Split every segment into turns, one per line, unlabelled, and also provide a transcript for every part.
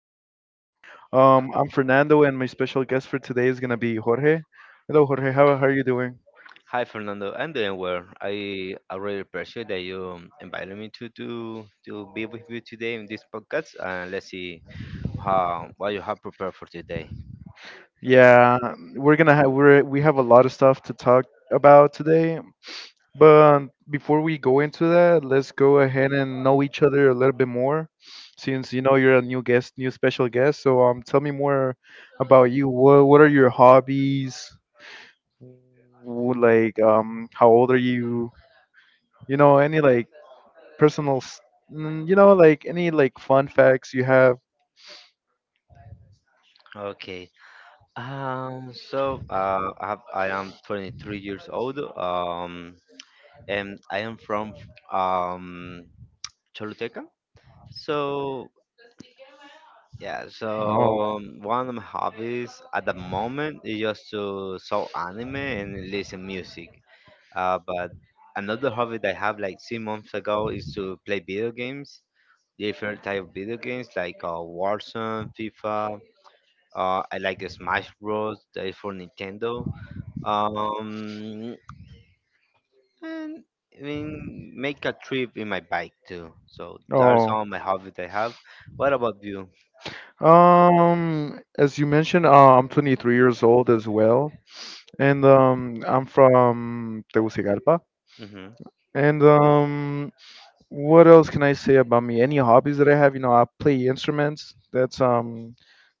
here with me. I'm Fernando, and my special guest for today is gonna be Jorge. Hello, Jorge. How are you doing?
Hi Fernando, I'm doing well. I really appreciate that you invited me to be with you today in this podcast. And let's see how what you have prepared for today.
Yeah, we have a lot of stuff to talk about today. But before we go into that, let's go ahead and know each other a little bit more, since you know you're a new guest, new special guest. So tell me more about you. What are your hobbies? Like how old are you? You know, any like personal, s- mm, you know, like any like fun facts you have?
Okay. So I have, I am 23 years old. And I am from um Choluteca. So yeah.
Oh,
So one of my hobbies at the moment is just to saw anime and listen music. But another hobby that I have like 3 months ago is to play video games, different type of video games like Warzone, FIFA. I like Smash Bros. That is for Nintendo. Um, and I mean, make a trip in my bike too. So that's
oh.
all my hobbies I have. What about you?
As you mentioned, I'm 23 years old as well, and I'm from Tegucigalpa.
Mm-hmm.
And what else can I say about me? Any hobbies that I have? You know, I play instruments. That's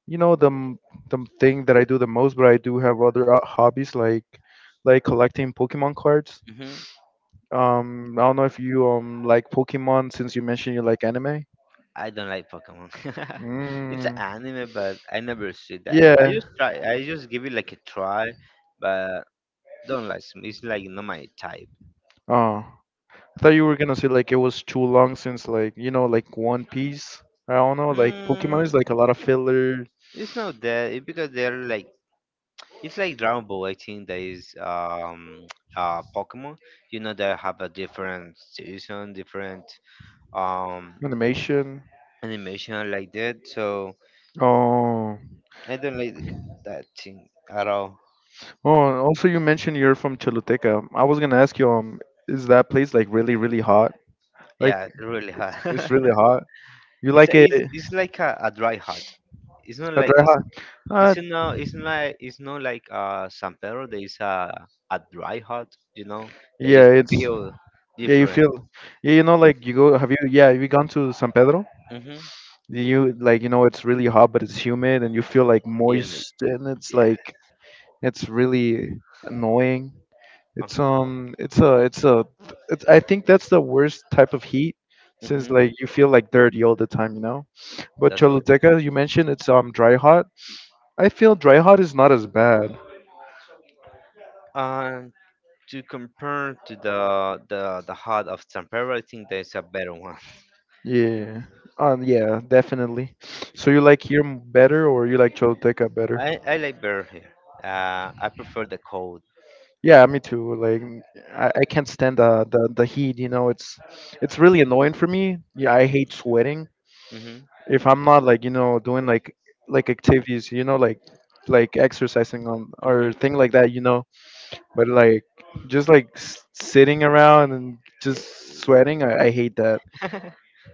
you know, the m- thing that I do the most. But I do have other hobbies like collecting Pokemon cards.
Mm-hmm.
I don't know if you like Pokemon since you mentioned you like anime.
I don't like Pokemon. It's an
Mm,
anime, but I never see that. I
yeah.
just try. I just give it like a try, but don't like me. It's like not my type.
Oh, I thought you were gonna say like it was too long since like you know like One Piece. I don't know, like Pokemon
Mm,
is like a lot of filler
it's not that. It's because they're like. It's like Dragon Ball. I think that is Pokemon. You know they have a different season, different um
animation.
animation like that. So
Oh,
I don't like that thing at all.
oh. And also, you mentioned you're from Choluteca. I was gonna ask you, is that place like really really hot? Like
Yeah, really hard.
it's really hot. You
it's
like
a,
it
it's, it's like a dry hot. it's not
a
like
dry
a,
hot? Uh,
it's not like San Pedro. There is a dry hot, you know, that you
yeah, it's.
feel
Yeah, you
different.
feel, yeah, you know, like you go, have you, yeah, have you gone to San Pedro?
Mm-hmm.
Do you like, you know, it's really hot, but it's humid, and you feel like
Yeah,
moist, and it's
yeah.
like, it's really annoying. It's um, it's a, it's a, it's I think that's the worst type of heat, since
Mm-hmm.
like you feel like dirty all the time, you know. But
That's right.
Choluteca, you mentioned it's dry hot. I feel dry hot is not as bad.
Um, to compare to the hot of San Pedro, I think there's a better one.
Yeah, yeah, definitely. So you like here m- better, or you like Choluteca better?
I like better here. I prefer the cold.
Yeah, me too. Like I can't stand the heat, you know, it's really annoying for me. Yeah, I hate sweating.
Mm-hmm.
If I'm not like, you know, doing like activities, you know, like exercising on
Mm-hmm.
or thing like that, you know. But like just like sitting around and
Yeah.
just sweating, I hate that.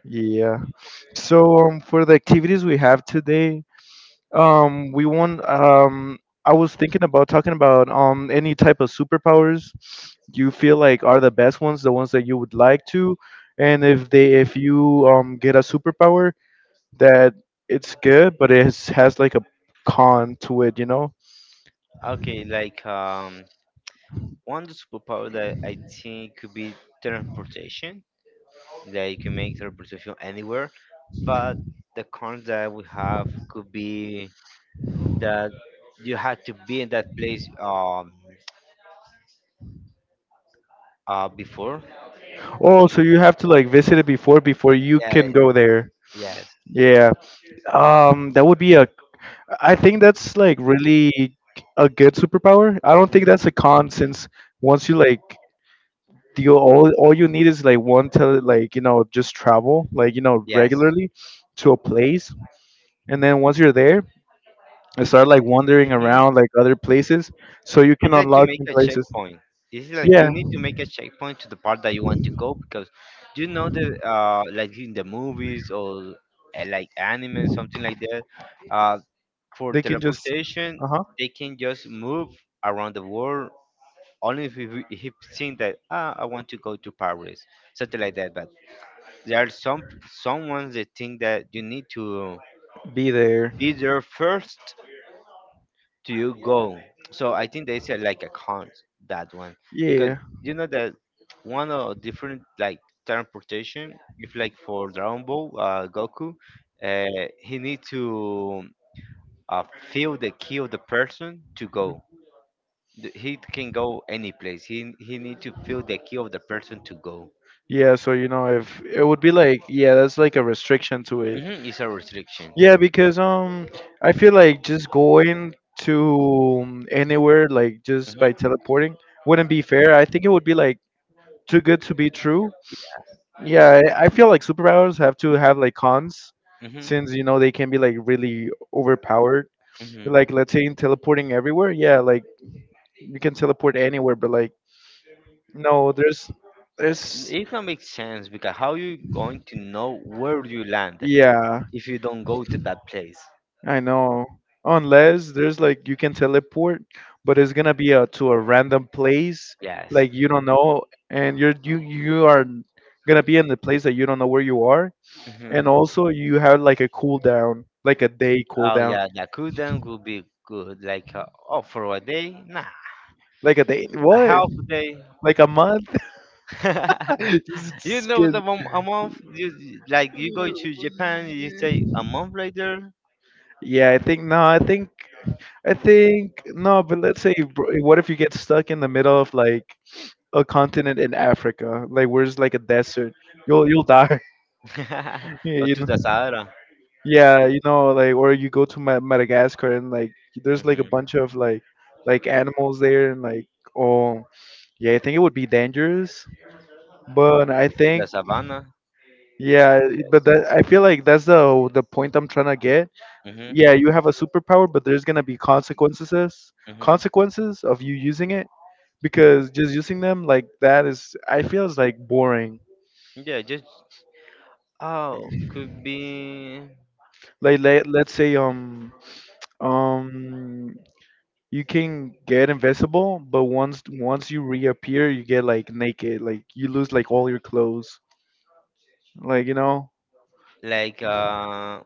Yeah. So for the activities we have today, we want. I was thinking about talking about any type of superpowers you feel like are the best ones, the ones that you would like to, and if you get a superpower that it's good, but it has like a con to it, you know.
Okay, like one superpower that I think could be transportation that you can make transportation anywhere but the con that we have could be that you had to be in that place before.
Oh, so you have to like visit it before you
Yeah.
can go there.
Yes.
Yeah. That would be a. I think that's like really a good superpower. I don't think that's a con since once you like you all you need is like one to like you know just travel like you know
Yes.
regularly to a place, and then once you're there and start like wandering
hmm
around like other places so you can
it's like to
unlock
make
new
a
places.
checkpoint. This is like
Yeah,
you need to make a checkpoint to the part that you want to go because you know the like in the movies or like anime something like that uh for
they can just,
teleportation.
uh-huh,
They can just move around the world only if you think that ah, I want to go to Paris, something like that. But there are some ones that think that you need to
be there.
be there first to you go. So I think they said like a con that one because
Yeah,
you know that one of different like transportation. If like for Dragon Ball Goku, he need to uh, feel the key of the person to go. He can go any place. He need to feel the key of the person to go.
yeah, so you know if it would be like, yeah, that's like a restriction to it.
Hmm. It's a restriction.
Yeah, because I feel like just going to anywhere like just by
Hmm.
teleporting wouldn't be fair. I think it would be like too good to be true. Yeah, I feel like superpowers have to have like cons,
Hmm.
since you know they can be like really overpowered.
Hmm.
Like let's say in teleporting everywhere, yeah, like you can teleport anywhere, but like no, there's,
It can make sense because how you going to know where you land
yeah,
if you don't go to that place?
I know. Unless there's like you can teleport, but it's gonna be a, to a random place
Yes.
like you don't know, and you are gonna be in the place that you don't know where you are,
Hmm.
and also you have like a cooldown, like a day
Oh
cooldown,
yeah, the cooldown would be good. Like oh, for a day, nah,
like a day
a
what?
half a day.
Like a month? Just skin.
A month. Like you go to Japan, you say a month later,
Yeah, I think no, but let's say bro, what if you get stuck in the middle of like a continent in Africa, like where's like a desert? You'll die. Yeah,
or
you
to
know,
the Sahara.
yeah, you know, like or you go to Ma- Madagascar and like there's like a
Mm-hmm.
bunch of like animals there and like, oh, yeah, I think it would be dangerous. But I
To the
think
savannah?
yeah, but that I feel like that's the point I'm trying to get.
Mhm,
Yeah, you have a superpower, but there's gonna be consequences
mhm.
consequences of you using it because just using them like that is I feel is like boring.
Yeah, just oh, could be
Let's say um you can get invisible, but once you reappear, you get like naked, like you lose like all your clothes. Like, you know,
like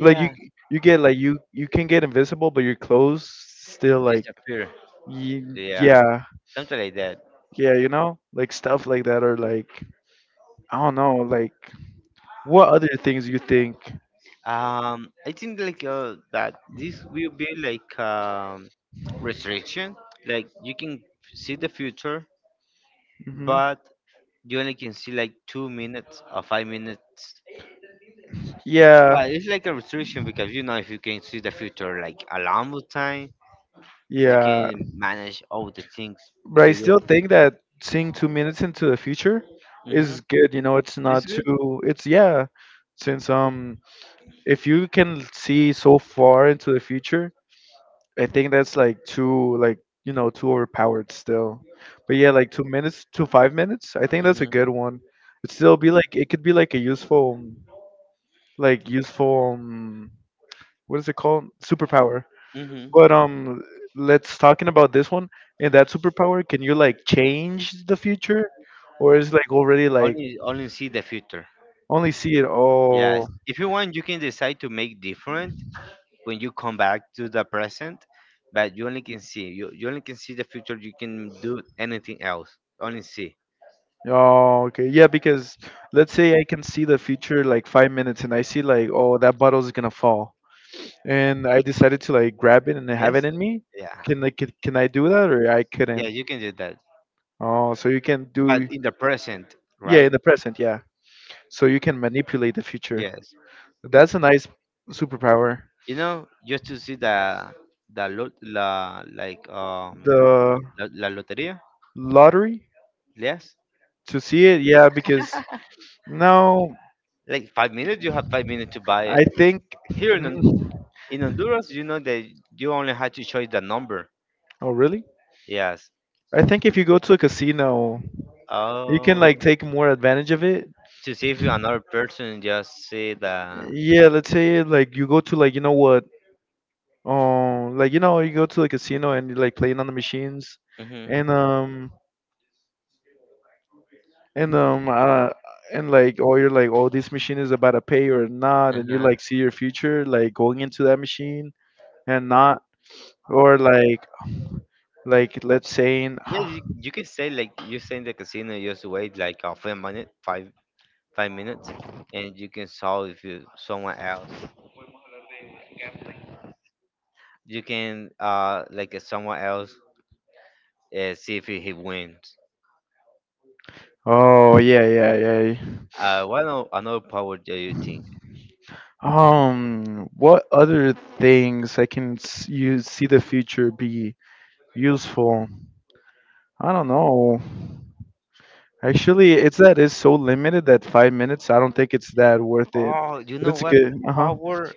like you you can get invisible, but your clothes still like
disappear.
y-
Yeah.
yeah,
Something like that.
yeah, you know? Like stuff like that or like I don't know, like what other things you think?
I think like that this will be like restriction. Like you can see the future
Hmm.
but you only can see like 2 minutes or 5 minutes.
Yeah.
But it's like a restriction because you know if you can see the future like a long time you
Yeah,
can manage all the things
but I
because you
still think that seeing 2 minutes into the future
hmm
is good. You know, it's
it's
not
good.
too. It's yeah, since if you can see so far into the future, I think that's like too like you know too overpowered still. But yeah, like 2 minutes to 5 minutes, I think that's a
Hmm.
good one. It still be like it could be like a useful, like useful. What is it called? Superpower.
Hmm.
But let's talking about this one and that superpower. Can you like change the future, or is like already like
Only see the future.
only see it?
Yes,
Oh,
if you want you can decide to make different when you come back to the present but you only can see you only can see the future you can do anything else only see.
oh, okay, yeah. Because let's say I can see the future like 5 minutes, and I see like oh that bottle is gonna fall, and I decided to like grab it and have
Yes.
it in me.
Yeah.
Can like can I do that or I
Yeah,
couldn't?
you can do that
Oh, so you can
but
do,
in the present,
yeah
right?
in the present, yeah. So you can manipulate the future.
Yes.
That's a nice superpower.
You know just to see the lot la like
The
la, la loteria.
lottery.
Yes,
To see it, yeah, because no,
like 5 minutes you have 5 minutes to buy it
I think.
here in,
Mm,
in Honduras. You know that you only had to choose the number.
oh, really?
Yes.
I think if you go to a casino, you can
Oh,
like take more advantage of it.
to see if another person just see the
Yeah, let's say like you go to like you know what, like you know you go to a casino and you're like playing on the machines,
hmm.
and and um uh, and like oh you're like oh this machine is about to pay or not, and you
Uh-huh.
like see your future like going into that machine and not or like let's saying.
Yeah, you can say like you say in the casino you just wait like a 5 minute 5 5 minutes and you can solve if you someone else you can like someone else see if he wins.
Oh yeah, yeah, yeah.
What another power do you think?
What other things I can you see the future be useful? I don't know. Actually, it's that is so limited that 5 minutes. I don't think it's that worth it.
Oh, you
But
know
it's
what?
good. Uh huh.
Power.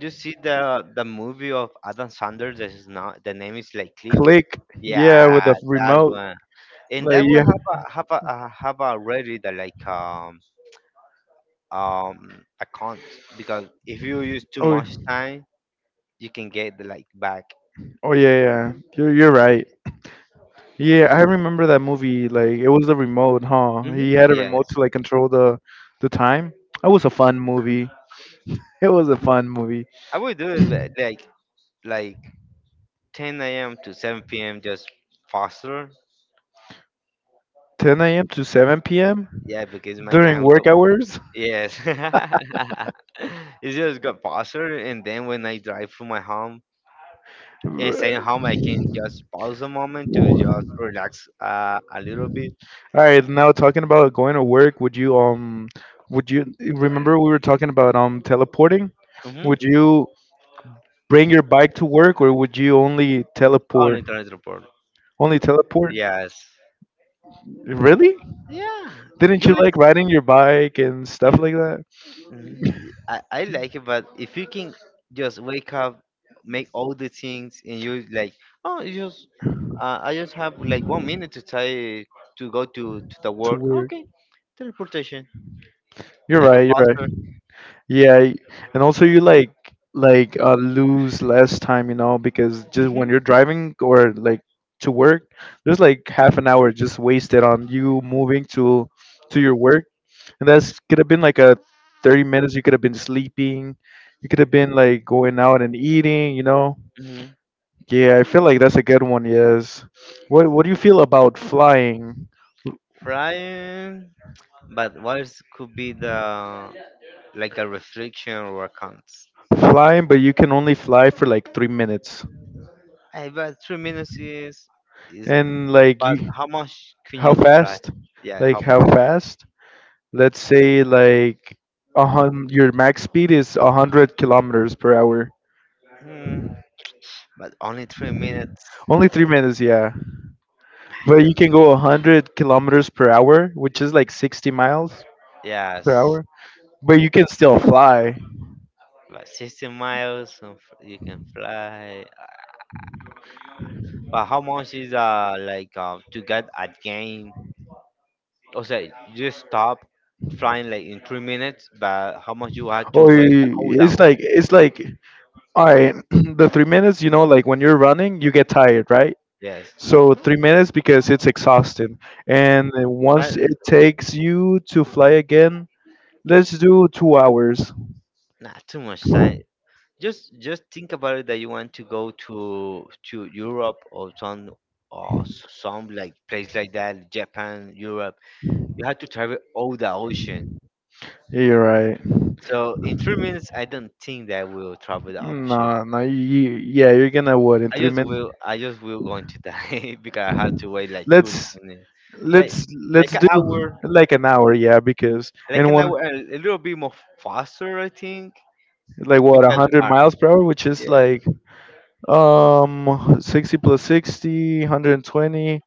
You see the movie of Adam Sanders. This is not the name is like Click.
Click. Yeah,
Yeah,
with the
that
remote.
one. And
Like
that one
yeah.
have already the like account because if you use too
Oh,
much time, you can get the like back.
oh yeah, yeah. You're right. Yeah, I remember that movie. Like it was the remote, huh? He
Mm-hmm.
had a remote
Yes,
to like control the time. It was a fun movie. It was a fun movie.
I would do it like 10 a.m. to 7 p.m. just faster.
10 a.m. to 7 p.m.
Yeah, because my
during
time the
work hours?
yes. It's just got faster and then when I drive from my home and staying home
All
I can just pause a moment to just relax a little bit.
right, now talking about going to work, would you remember we were talking about teleporting?
Mm-hmm.
Would you bring your bike to work or would you only
On
teleport?
internet report.
Only teleport?
Yes.
Really?
Yeah.
Didn't
You
you
like
like riding your bike and stuff
you
like that
mm, I like it but if you can just wake up, make all the things and you like oh you just I just have like 1 minute to try to go to the
to
work.
work?
Okay. Teleportation.
You're
I go
right, you're right.
faster.
Yeah, and also you like lose less time, you know, because just when you're driving or like to work, there's like half an hour just wasted on you moving to your work, and that's could have been like a 30 minutes. You could have been sleeping, you could have been like going out and eating, you know.
hmm
Yeah, I feel like that's a good one. Yes. What do you feel about flying?
Frying, but what is, could be the like a restriction or a count?
Flying, but you can only fly for like 3 minutes,
Hey, but three minutes is.
and like
But
you.
how much can
How
you fry?
fast?
Yeah,
Like
how
how
much?
fast? Let's say like a your max speed is 100 kilometers per hour.
Hmm, but only 3 minutes.
Only 3 minutes, yeah.
I
But you
don't.
can go 100 kilometers per hour, which is like 60 miles per
Yes,
hour. But you can still fly.
but 60 miles and you can fly. But how much is like to get a game? Or say you stop flying like in 3 minutes, but how much you have to
Or
wait a cooldown?
it's like all right, the 3 minutes, you know, like when you're running, you get tired, right?
Yes.
So 3 minutes because it's exhausting. And
But
once it takes you to fly again, let's do 2 hours.
not too much time. Just think about it that you want to go to Europe or some like place like that, Japan, Europe. You have to travel all the ocean.
Yeah, you're right.
So in 3 minutes, I don't think that will travel the ocean.
No, no, yeah, you're gonna what in
I
three
just
minutes?
will I just will going to die. Because I have to wait like two
Let's
minutes, like
let's let's
an
do
hour.
like an hour, yeah, because
Like
in
an
one
hour, a little bit more faster, I think,
like what a
because
hundred miles per hour, which is
yeah,
like 60 plus 60, 120,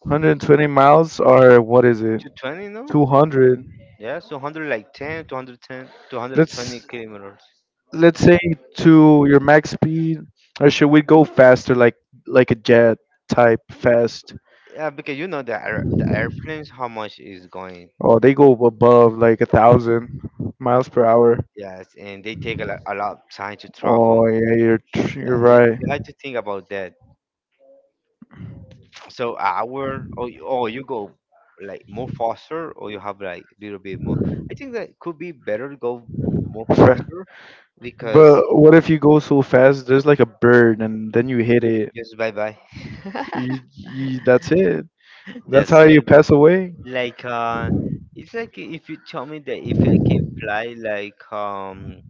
120 miles, are what is it?
220, no?
200.
Yeah, so 100 like 10, 210, 220
Let's
kilometers.
let's say to your max speed, or should we go faster, like a jet type fast?
Yeah, because you know the air, the airplanes how much is going.
Oh, they go above like 1,000 miles per hour.
Yes, and they take a lot of time to travel.
Oh yeah, you're
Yeah, you,
right.
you have to think about that. So hour or you go like more faster or you have like a little bit more. I think that could be better to go more
Fa-
faster because
But what if you go so fast? There's like a bird, and then you hit it.
just bye bye.
You, you, that's it. That's
That's
how you
it.
pass away.
Like it's like if you tell me that if I can fly like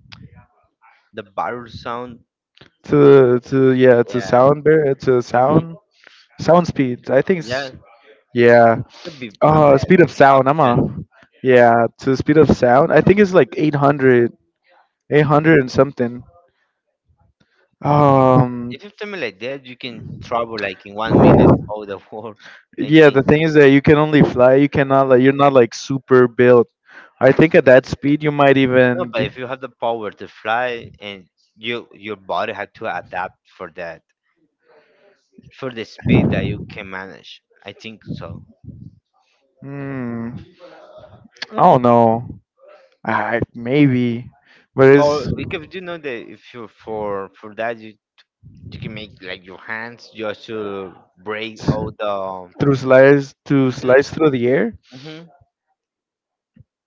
The barrel sound,
To, yeah, to
yeah,
sound bear, to
hmm
sound speed. I think
yeah,
it's, yeah.
could be a bad
Speed of sound. I'm a
option.
yeah, to speed of sound. I think it's like 800, 800 and something. Um,
If you have something like that, you can travel like in 1 minute all the world. I
yeah, the
think
thing is that you can only fly. You cannot like you're not like super built. I think at that speed you might
no,
even.
but if you have the power to fly and your body had to adapt for the speed that you can manage. I think so.
Hmm, I don't know. I maybe, but it's
Or we could you know that if you for that you can make like your hands just to break all the.
through slice to
Hmm.
slice through the air.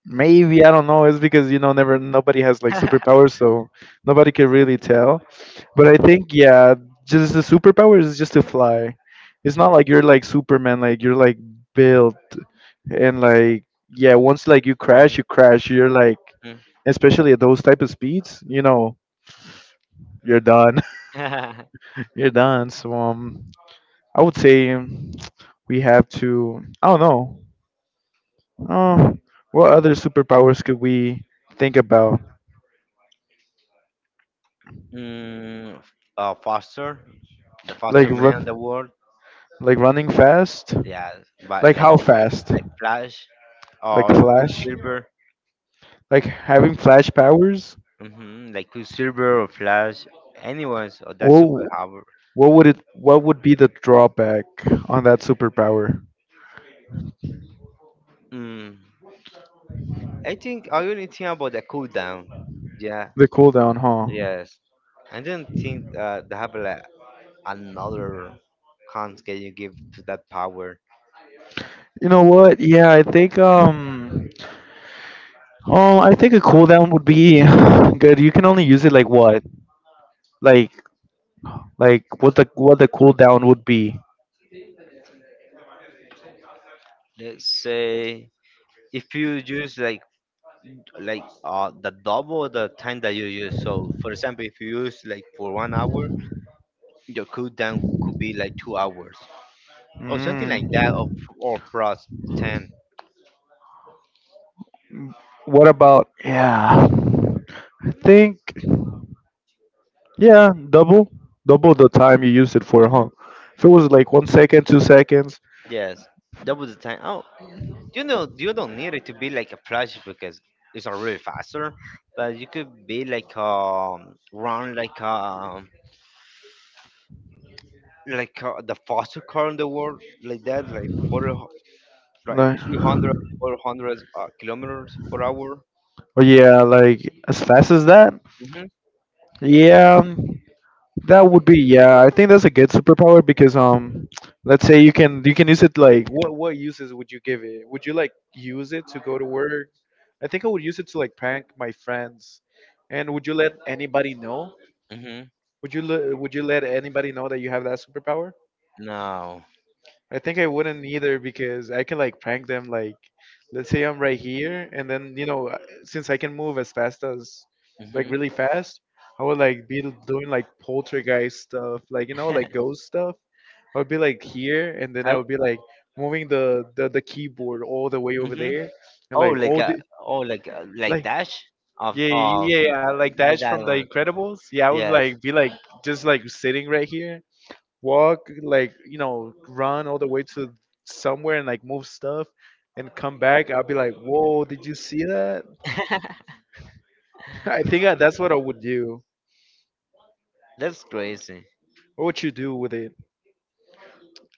Maybe I don't know. It's because you know, never nobody has like
Hmm.
superpowers, so nobody can really tell. But I think yeah, just the superpower is just to fly. It's not like you're like Superman, like you're like built and like yeah, once like you crash, you crash. You're like especially at those type of speeds, you know, you're done.
Hmm.
You're done. So I would say we have to. I don't know. Uh, what other superpowers could we think about?
Mm, Foster, the
Like
faster man in the
run.
world.
Like running fast?
Yeah, but
Like
like
how fast?
like Flash
Like
or
Flash?
Quicksilver.
Like having Flash powers?
Mm-hmm, like Quicksilver or Flash. Anyone's or that
What
superpower.
what would be the drawback on that superpower?
Mm, I think I only think about the cooldown. Yeah.
The cooldown, huh?
Yes. I don't think they have like another cons can you give to that power.
You know what? Yeah, I think oh, I think a cooldown would be good. You can only use it like what? Like like what the cooldown would be.
Let's say if you use the double the time that you use so for example if you use like for 1 hour your cooldown could be like 2 hours or something like that
Mm.
or plus 10.
What about? Yeah. I think. Yeah, double the time you used it for, huh?
Mm-hmm.
If it was like 1 second, 2 seconds,
Yes, double the time. Oh, you know you don't need it to be like a flash because it's not really faster but you could be like run like the fastest car in the world like that like
like,
300 400 kilometers per hour.
oh yeah, like as fast as that. Yeah, that would be, yeah. I think that's a good superpower because let's say you can use it like what uses would you give it? Would you like use it to go to work? I think I would use it to like prank my friends. And would you let anybody know?
Hmm.
Would you let anybody know that you have that superpower?
No.
I think I wouldn't either because I can like prank them. Like, let's say I'm right here, and then you know, since I can move as fast as, like,
Mhm.
really fast, I would like be doing like poltergeist stuff, like you know,
I
like ghost stuff. I would be like here, and then I
w-
would be like moving the keyboard all the way over
Mhm.
there, and
Oh,
like
like
all the
like
like
dash of
yeah
of
yeah yeah like Dash
that
from The
one.
Incredibles. Yeah, I would
Yes.
like be like just like sitting right here, walk like you know run all the way to somewhere and like move stuff and come back. I'll be like, whoa, did you see that? I think that's what I would do.
That's crazy.
What would you do with it?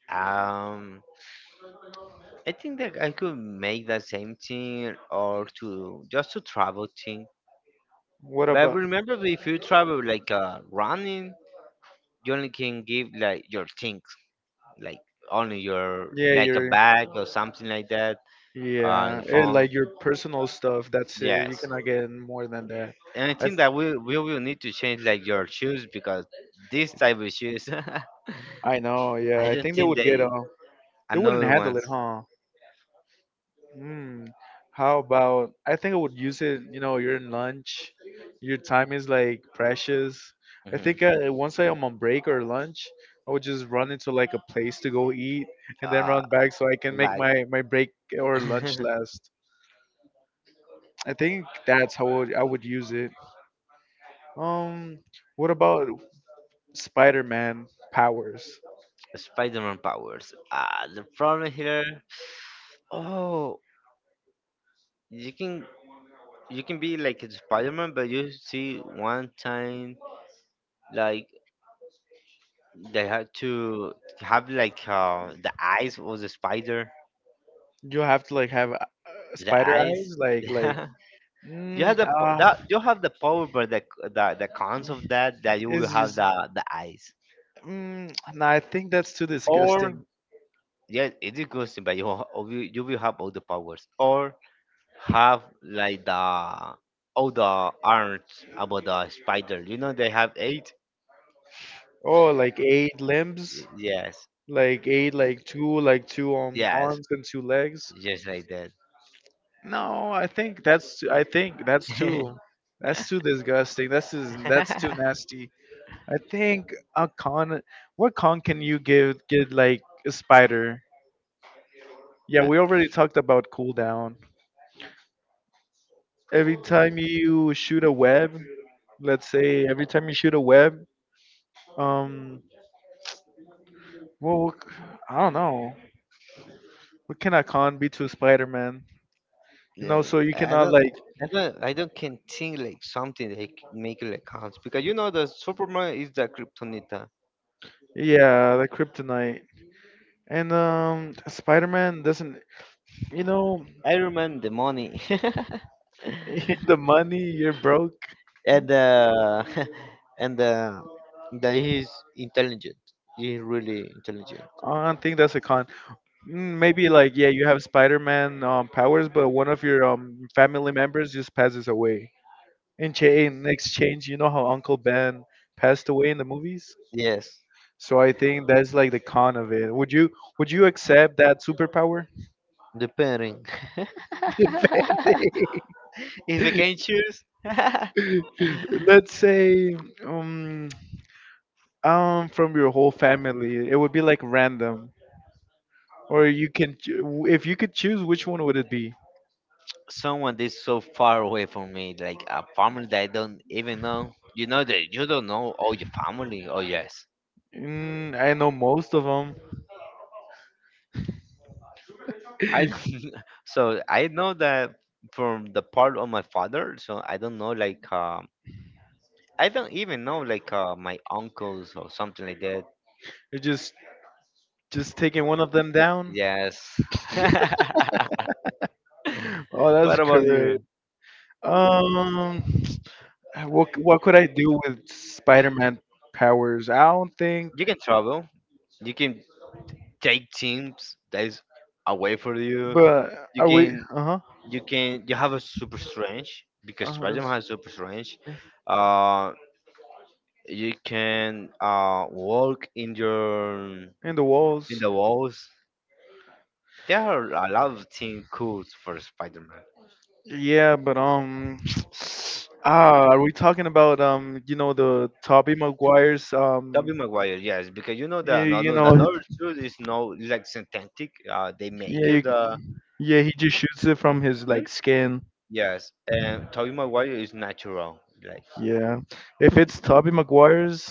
Um, I think that I could make the same thing or to just to travel thing.
What
But
about,
remember, if you travel like running, you only can give like your things, like only your
yeah,
like a
your,
bag or something like that.
yeah,
Your
and like
phone.
your personal stuff. That's it. You
Yes,
cannot get more than that.
and I
i,
think that we will need to change like your shoes because this type of shoes,
I know, yeah.
I
I
don't
think they
think
would get,
they
uh, they wouldn't
another
handle
ones.
it, huh? Mm, how about, I think I would use it, you know, you're in lunch, your time is like precious. I
Mhm.
think once I am on break or lunch, I would just run into like a place to go eat and then
Uh,
run back so I can make
like
my break or lunch last. I think that's how I would use it. Um, what about Spider-Man powers?
Spider-Man powers. The problem here. Oh, you can you can be like a Spider-Man, but you see one time, like they had to have like the eyes of the spider,
You have to like have,
the
spider
eyes.
eyes, like,
You
mm,
have the
uh,
that you have the power, but the cons of that you will
it's
have
just.
the eyes,
Mm, no, I think that's too
or
disgusting.
yeah, it is good, but you will have all the powers, or have like the all the arms about the spider. You know they have eight.
Oh, like eight limbs,
Yes,
like eight, like two
yes,
arms and two legs.
just like that.
No, I think that's too, I think that's too disgusting. That's, is, that's too nasty. I think a con. What con can you give get like a spider? Yeah, we already talked about cooldown. Every time you shoot a web, let's say every time you shoot a web, um, well, I don't know. We cannot con be to Spider-Man. You know,
Yeah,
so you
I
cannot
don't.
like,
I don't can think like something they make like cons because you know the Superman is the Kryptonita.
yeah, like Kryptonite. And Spider-Man doesn't, you know.
I remember the money.
The money, you're broke.
and and that he's intelligent. He's really intelligent.
I don't think that's a con. Mm, maybe like, yeah, you have Spider-Man powers, but one of your family members just passes away. In exchange, you know how Uncle Ben passed away in the movies?
Yes,
So I think that's like the con of it. Would you, would you accept that superpower?
the pairing.
Depende.
If I can choose,
Let's say um from your whole family, it would be like random, or you can if you could choose, which one would it be?
someone that's so far away from me, like a family that I don't even know. You know that you don't know all your family. Oh yes,
Mm, I know most of them.
I don't. So I know that from the part of my father. So I don't know, like I don't even know like my uncles or something like that.
just just taking one of them down.
Yes.
Oh,
What
that's
about
correct.
you?
Um, what could I do with Spider-Man powers? I don't think.
You can travel. You can take teams that is away from you.
But
You
are we?
can
Uh huh.
you can you have a super strange because
Uh,
Spider-Man has super strange. Uh, you can walk in your
in the
in
walls.
the walls. There are a lot of things cool for Spider-Man.
Yeah, but ah, are we talking about, you know, the Tobey Maguire's,
Tobey Maguire, yes, because you know the
yeah, you
another the
know,
another suit is no is like synthetic. They
yeah,
make
you,
it.
yeah, he just shoots it from his like skin.
Yes, and Tobey Maguire is natural. Like,
Yeah, if it's Tobey Maguire's,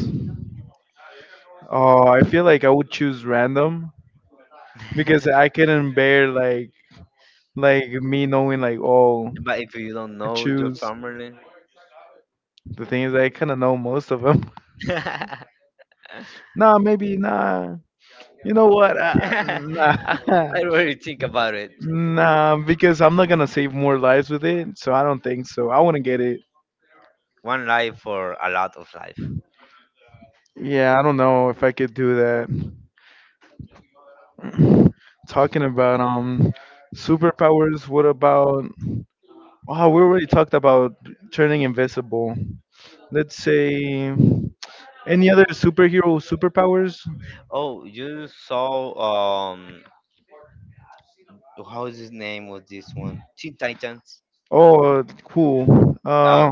oh, I feel like I would choose random because I couldn't bear like me knowing like, oh,
but if you don't
I
know your
choose.
family,
The thing is, I kind of know most of them.
I,
Nah, maybe nah. You know what? Nah,
I really think about it.
nah, because I'm not gonna save more lives with it, so I don't think so. I wouldn't get it.
One life for a lot of life.
Yeah, I don't know if I could do that. Talking about superpowers, what about? Oh, we already talked about turning invisible. Let's say any other superhero superpowers.
Oh, you saw, um, how is his name was this one? Teen Titans.
Oh, cool.
Uh,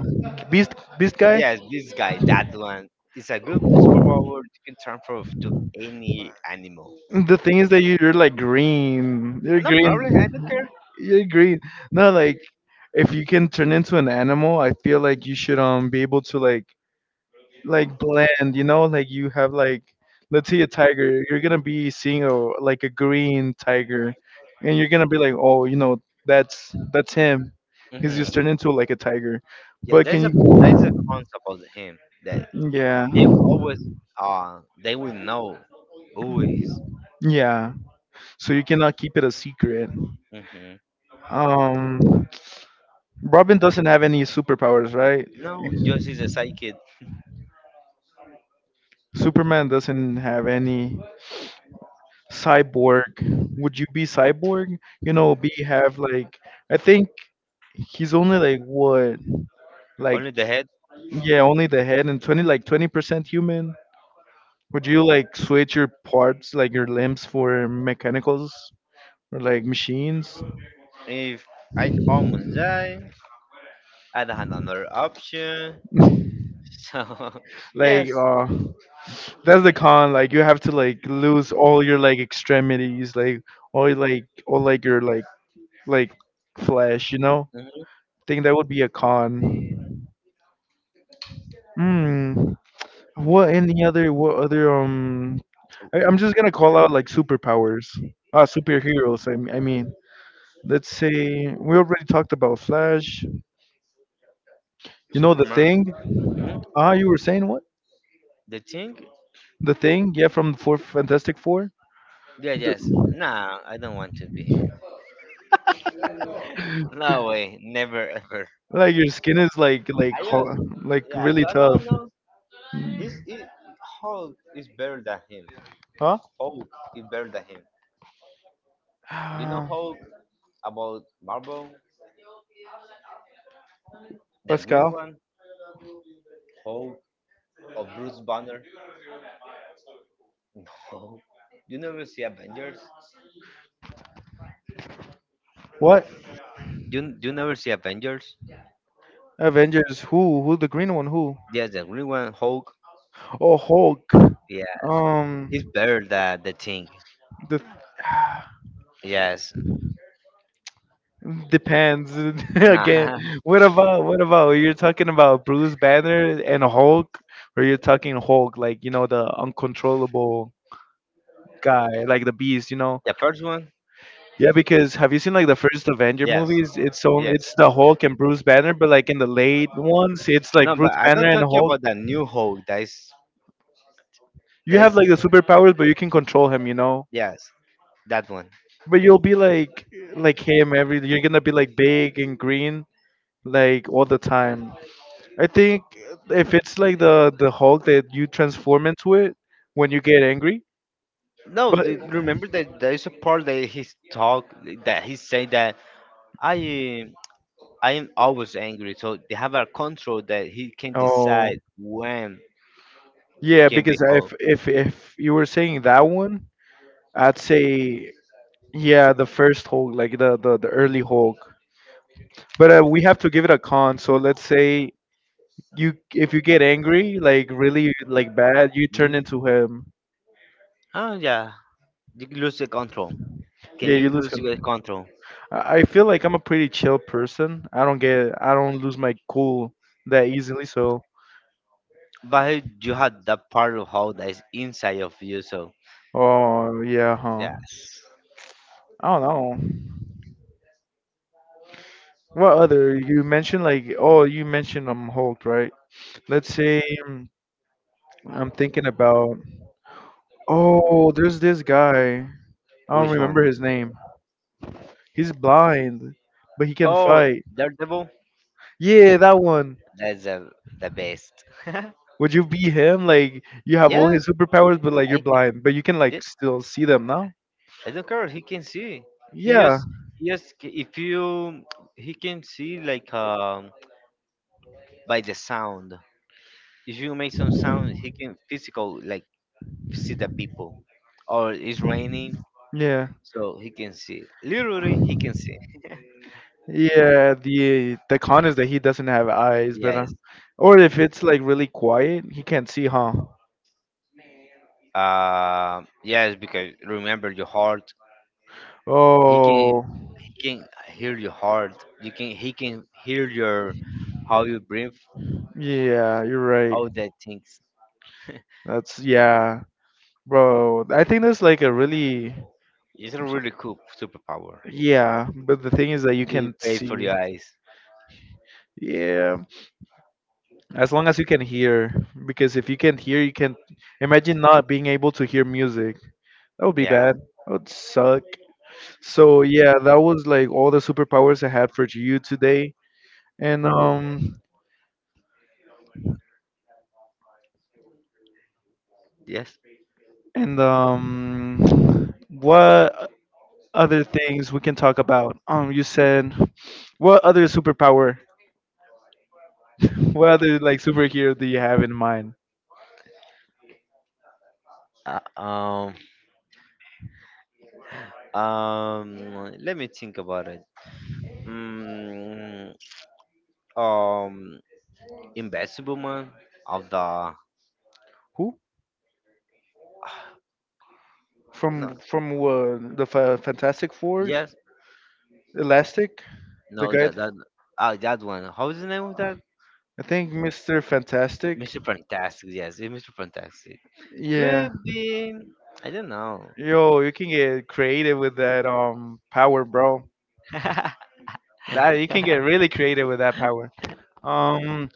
Beast, beast guy.
Yes, this guy, that one, is a good superpower. You can transform to any animal.
The thing is that you're like green. You're
And no
green.
problem, I don't care.
You're green. No, like if you can turn into an animal, I feel like you should be able to like blend. You know, like you have like, let's say a tiger. You're gonna be seeing a, like a green tiger, and you're gonna be like, oh, you know, that's him. He's just
Hmm.
turned into like a tiger.
Yeah,
But can
there's a
you?
there's a concept of him that
Yeah,
they always they will know who he is.
yeah. So you cannot keep it a secret.
Mm-hmm.
Um. Robin doesn't have any superpowers, right?
No, just is a psychic.
Superman doesn't have any. Cyborg, would you be cyborg? You know, be have like, I think he's only like what, like
Only the head.
yeah, only the head and 20, like 20% human. Would you like switch your parts like your limbs for mechanicals or like machines?
If I almost die, I don't have another option. So
Like
yes.
that's the con. Like you have to like lose all your like extremities, like all, like all like your like flesh. You know,
Hmm.
think that would be a con. Hmm. What any other, what other? I'm just gonna call out like superpowers. Ah, superheroes. I mean, let's say we already talked about Flash. You know the
Superman.
thing.
Hmm.
Ah, you were saying what?
The thing?
The thing. Yeah, from the fourth Fantastic Four.
Yeah, yes. Nah, I don't want to be him. No way, never ever.
Like your skin is like, like
I
ho-
just,
like
yeah,
really
no, no,
tough.
no.
Mm.
It's Hulk is better than him.
Huh?
Hulk is better than him. You know
Ah,
Hulk about Marvel, the green
Pascal.
one, Hulk of Bruce Banner. Hulk. You never see Avengers.
What?
Do you never see Avengers?
Avengers. Who? Who? The green one? Who?
Yes, the green one, Hulk.
Oh, Hulk.
Yeah, it's
Um,
better than the thing.
the
Yes.
depends again.
Nah,
What about, what about, you're talking about Bruce Banner and Hulk, or you're talking Hulk like you know the uncontrollable guy like the beast, you know?
the first one.
Yeah, because have you seen like the first Avenger
Yes.
movies? It's on,
Yes.
it's the Hulk and Bruce Banner, but like in the late ones, it's
No,
like
but
Bruce
I
Banner
don't
and
talk
Hulk.
about that new Hulk. That is,
You
that
have
is,
like the superpowers, but you can control him, you know.
yes, that one.
But you'll be like him every. You're gonna be like big and green like all the time. I think if it's like the Hulk that you transform into it when you get angry,
No,
but
remember that there is a part that he's talk that he said that I am- I am always angry. So they have a control that he can
oh.
decide when
Yeah,
can be
because
Hulk.
if you were saying that one, I'd say, yeah, the first Hulk, like the early
Hmm.
Hulk. But we have to give it a con. So let's say you, if you get angry, like really like bad, you turn
Hmm.
into him.
Oh yeah, you lose the control. Can
Yeah, you
you
lose
lose your
control.
control?
I feel like I'm a pretty chill person. I don't lose my cool that easily. So
But you had that part of how that is inside of you, so
oh yeah, huh?
yes.
I don't know. What other, you mentioned like, oh, you mentioned Hulk, right? Let's say I'm thinking about, oh, there's this guy. I don't
Which one?
remember his name. He's blind, but he can
Oh,
fight.
Daredevil?
Yeah, that one.
That's the best.
Would you be him? Like you have all his
Yes,
superpowers, but like you're
I can,
blind, but you can like
it-
still see them now.
I don't care. He can see. He
Yeah,
just he just c- if you he can see like by the sound. If you make some sound, he can physical like see the people. Or it's raining,
yeah,
so he can see. Literally, he can see.
yeah. The con is that he doesn't have eyes, but
Yes.
or if it's like really quiet, he can't see, huh?
Yes, because remember your heart. He can
Oh,
he can hear your heart. You can he can hear your how you breathe,
yeah, you're right.
all that things.
That's yeah, bro. I think that's like a really.
It's a really cool superpower.
Yeah, but the thing is that you
You
can
pay for
see.
your eyes.
Yeah, as long as you can hear, because if you can't hear, you can imagine not being able to hear music. That would be bad.
Yeah.
That would suck. So yeah, that was like all the superpowers I had for you today. And um
Yes.
and what other things we can talk about? You said what other superpower? What other like superhero do you have in mind?
Uh, um. Let me think about it. Mm, um. Invisible man of the, no.
From the Fantastic Fours,
Yes.
Elastic, the
No,
guy.
that oh, that one. How is the name of that?
I think Mr. Fantastic.
Mr. Fantastic. Yes, it's Mr. Fantastic.
Yeah,
Could be. I don't know.
yo, you can get creative with that power, bro. That you can get really creative with that power. Um,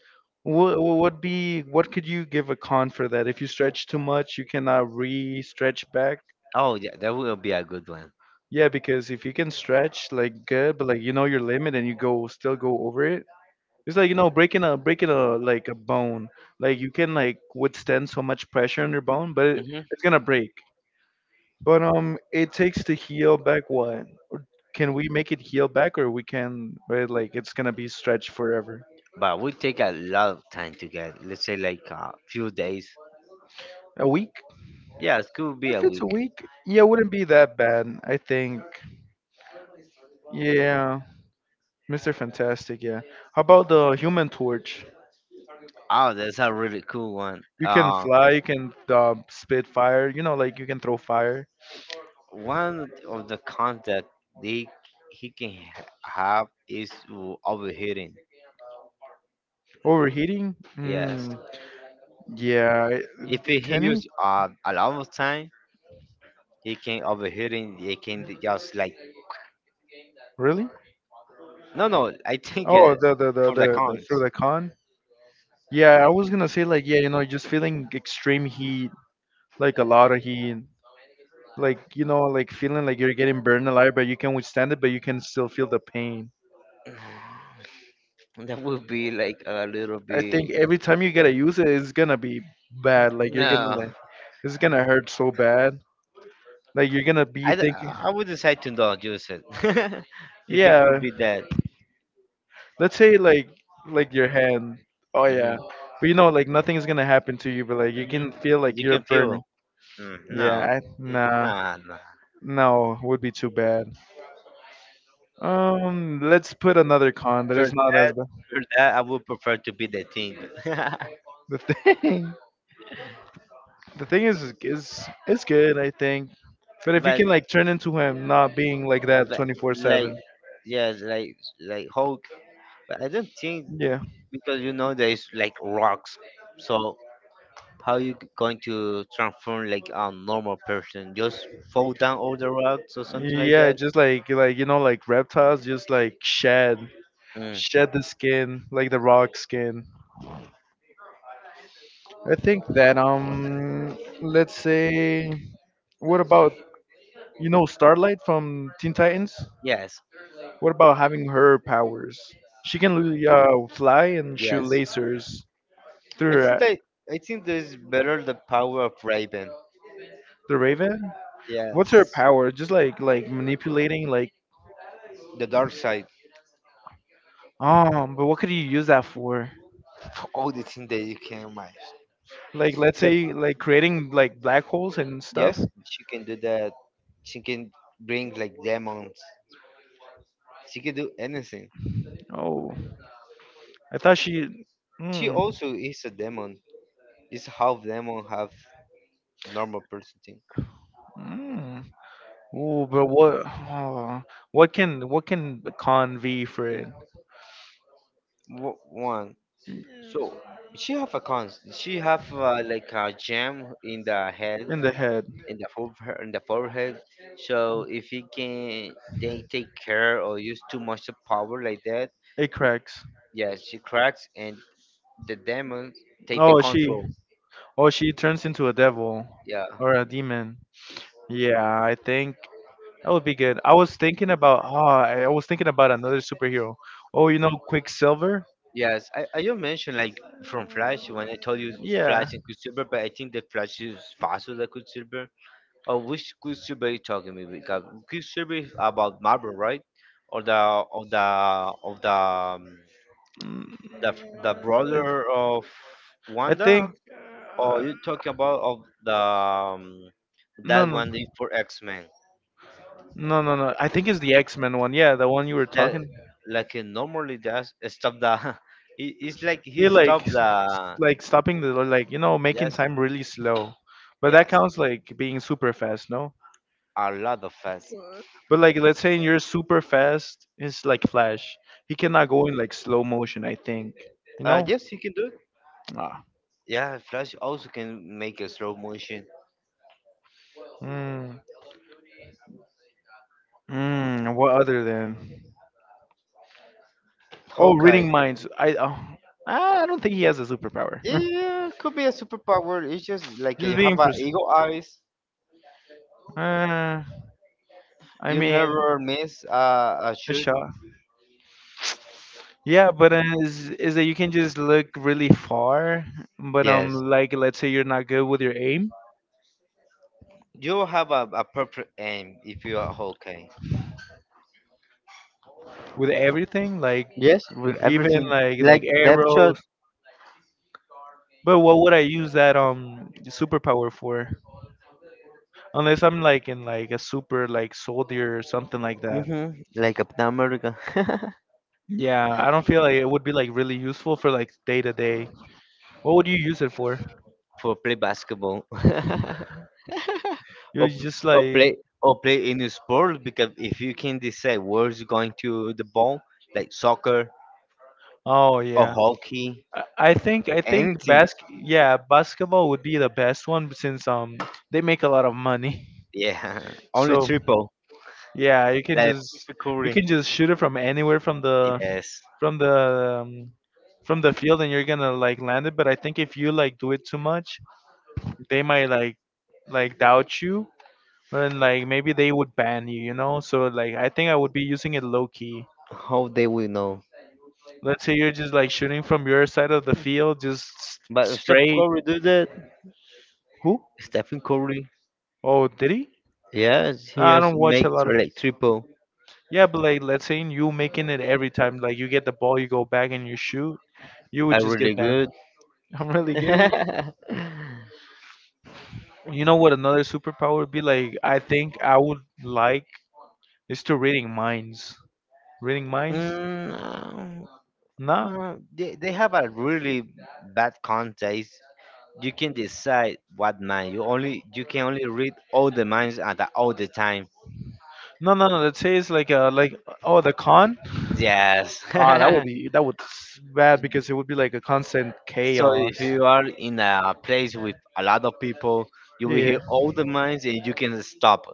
what would be what could you give a con for that? If you stretch too much, you cannot re-stretch back.
Oh yeah, that will be a good one.
Yeah, because if you can stretch like good, but like you know your limit and you go still go over it. It's like you know breaking a like a bone. Like you can like withstand so much pressure on your bone, but it,
Hmm.
it's gonna break. But it takes to heal back what? Can we make it heal back, or we can? Right, like it's gonna be stretched forever.
But we take a lot of time to get. Let's say like a few days.
A week?
Yeah, it could be
If
a
it's a
week.
week, yeah, it wouldn't be that bad. I think. Yeah, Mister Fantastic. Yeah. How about the Human Torch?
Oh, that's a really cool one.
You can fly. You can spit fire. You know, like you can throw fire.
One of the cons that they he can have is to overheating.
Overheating?
Yes,
Hmm. Yeah,
if he
I-
he
can he
use a lot of time, he can overheating. He can just like
really?
no, no. I think,
Oh,
for the
the
cons,
through the con. Yeah, I was gonna say like yeah, you know, just feeling extreme heat, like a lot of heat, like you know, like feeling like you're getting burned alive, but you can withstand it, but you can still feel the pain.
that would be like a little
I think
bit.
every time you gotta use it, it's gonna be bad. Like you're gonna
No,
like, it's gonna hurt so bad. Like you're gonna be thinking,
I would decide to not use it. If it could
yeah.
be that.
Let's say like your hand. Oh
Mhm.
yeah. But you know, like nothing is gonna happen to you, but like you
Mhm.
can feel like
You
you're
can
burning.
feel. Mm, no,
Nah,
no, no.
no, would be too bad. Let's put another con that
For
is not as
that,
bad.
for that, I would prefer to be the thing.
The thing, the thing is it's good, I think. But if you
but,
can like turn into him, not being like that
but
twenty four
like,
seven.
yes, like Hulk. But I don't think
Yeah,
because you know there's like rocks. So how you going to transform like a normal person? Just fall down all the rocks or something like
yeah,
that?
just like you know, like reptiles, just like shed,
Mm,
shed the skin, like the rock skin. I think that let's say, what about. You know Starlight from Teen Titans?
yes,
What about having her powers? She can fly and shoot
yes.
lasers
I
through
think
her,
that I think there's better the power of Raven.
the Raven. What's her
Yes,
power? Just like manipulating, like
the dark side.
um. But what could you use that for?
All the things that you can imagine.
Like let's
The
say like creating like black holes and
Yes,
stuff.
she can do that. She can bring like demons. She can do anything.
Oh, I thought she.
She
Mm,
also is a demon, is half demon, half normal person thing.
mm. Oh, but what? Oh, what can con V for it?
One, so she have a cons. She have, like a gem in the head,
In the head.
in the forehead. So if he can, they take care or use too much of power like that.
It cracks.
Yeah, she cracks and the demon take the
Oh, she.
control.
Oh, she turns into a devil
Yeah.
or a demon. Yeah, I think that would be good. I was thinking about. Oh, I was thinking about another superhero. Oh, you know, Quicksilver.
Yes, I just mentioned like from Flash when I told you
Yeah.
Flash and Quicksilver, but I think the Flash is faster than Quicksilver. Or which Quicksilver are you talking about? Because Quicksilver is about Marvel, right? Or the of the of the
Mm,
the the brother of
I think.
Wanda? Or
Uh,
you talking about of the,
no,
that
no,
one that is for X Men?
no. I think it's the X Men one. Yeah, the one you were
That,
talking.
like he normally does stop the. It's like he
He like
stopped
s-
the.
like stopping the like you know making
Yes,
time really slow, but that
yes,
counts like being super fast, no,
a lot of us.
but like let's say you're super fast it's like flash, he cannot go in like slow motion I think, you know.
Yes, he can do it.
Ah.
Yeah, Flash also can make a slow motion.
Mm. Mm, what other than oh reading
Hawkeye.
minds, I oh, I don't think he has a superpower
Yeah, could be a superpower. It's just like
just
you
being
have a
pers-
eagle eyes.
uh, I
You
mean
never miss a
a
shoot.
shot. Yeah, but is that you can just look really far, but
Yes.
like let's say you're not good with your aim,
You have a perfect aim if you are Hawkeye.
with everything, like
Yes, with
even
everything.
like
Like depth shot.
arrows. But what would I use that superpower for? Unless I'm like in like a super like soldier or something like that.
Mm-hmm. Like Captain America.
Yeah, I don't feel like it would be like really useful for like day to day. What would you use it for?
For play basketball. or
You just
or
like.
play in a sport because if you can decide where is going to the ball, like soccer
Oh
or
yeah.
hockey,
I think
anything.
bas Yeah, basketball would be the best one since they make a lot of money.
Yeah, only
So
triple,
yeah, you can
like
just,
Stephen
you
Curry.
can just shoot it from anywhere from the,
Yes.
from the um, from the field and you're gonna like land it. But I think if you like do it too much, they might like doubt you and like maybe they would ban you, you know? So like I think I would be using it low key.
How they will know?
Let's say you're just like shooting from your side of the field, just
But if Stephen
straight.
Curry do that.
Who?
Stephen Curry.
Oh, did he?
Yes, he
Nah, I
has
don't watch a
makes
lot of.
like triple.
Yeah, but like, let's say you making it every time. Like, you get the ball, you go back and you shoot. You would
I'm
just get
really
banned.
good.
I'm really good.
mm,
You know what? Another superpower would be like, I think I would like, is to reading minds. Reading minds?
um,
Nah,
they have a really bad contest. You can decide what mind. You can only read all the minds at all the time.
no, no, no. Let's say it's like a like. Oh, the con.
Yes.
Ah, that would be that would bad because it would be like a constant
So
chaos.
if you are in a place with a lot of people, you
Yeah,
will
yeah.
hear all the minds and you can stop.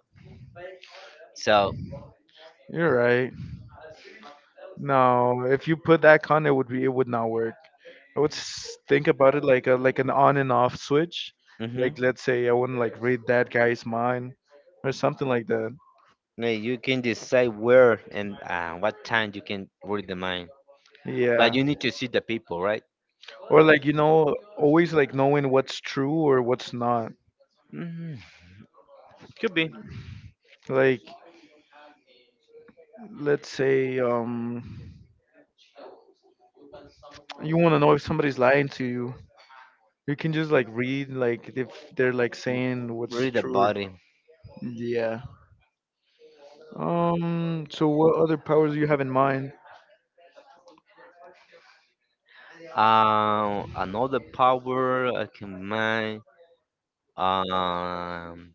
So,
You're right. No, if you put that con, it would be it would not work. I would think about it like a like an on and off switch.
mhm.
Like let's say I wouldn't like read that guy's mind or something like that.
Yeah, you can decide where and, what time you can read the mind. But
Yeah.
you need to see the people, right?
Or like you know, always like knowing what's true or what's not.
Mm, could be.
Like let's say you want to know if somebody's lying to you. You can just like read like if they're like
W-
saying what's
Really the
true.
body.
Yeah. So what other powers do you have in mind?
Another power I can mind. Um,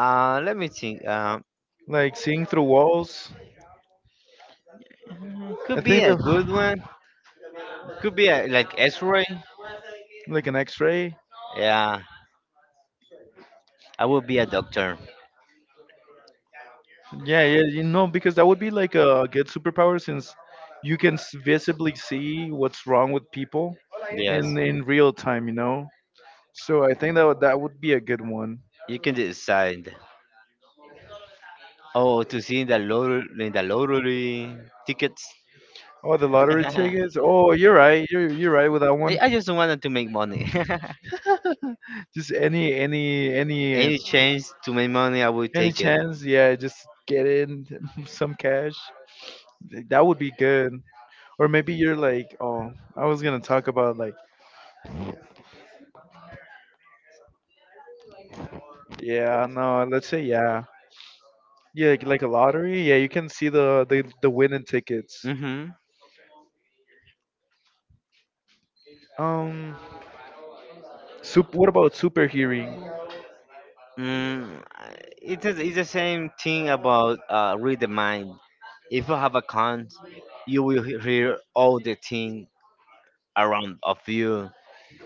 Let me think.
Like seeing through walls? I
Could be
think
a good
that,
one. Could be a, like X-ray.
like an X-ray.
Yeah, I will be a doctor.
Yeah, yeah, you know, because that would be like a good superpower since you can visibly see what's wrong with people
Yes,
in real time, you know. So I think that that would be a good one.
you can decide. Oh, to see in the lottery, tickets.
Oh, the lottery tickets. Oh, you're right. You're right with that
I,
one.
I just wanted to make money.
Just
Any change to make money, I will
any
take it.
chance, yeah, just get in some cash. That would be good. Or maybe you're like, oh, I was gonna talk about like, yeah, no, let's say yeah, yeah, like a lottery. Yeah, you can see the the winning tickets.
Hmm.
Um, What about super hearing?
Mm, it's the same thing about, read the mind. If you have a con, you will hear all the thing around of you.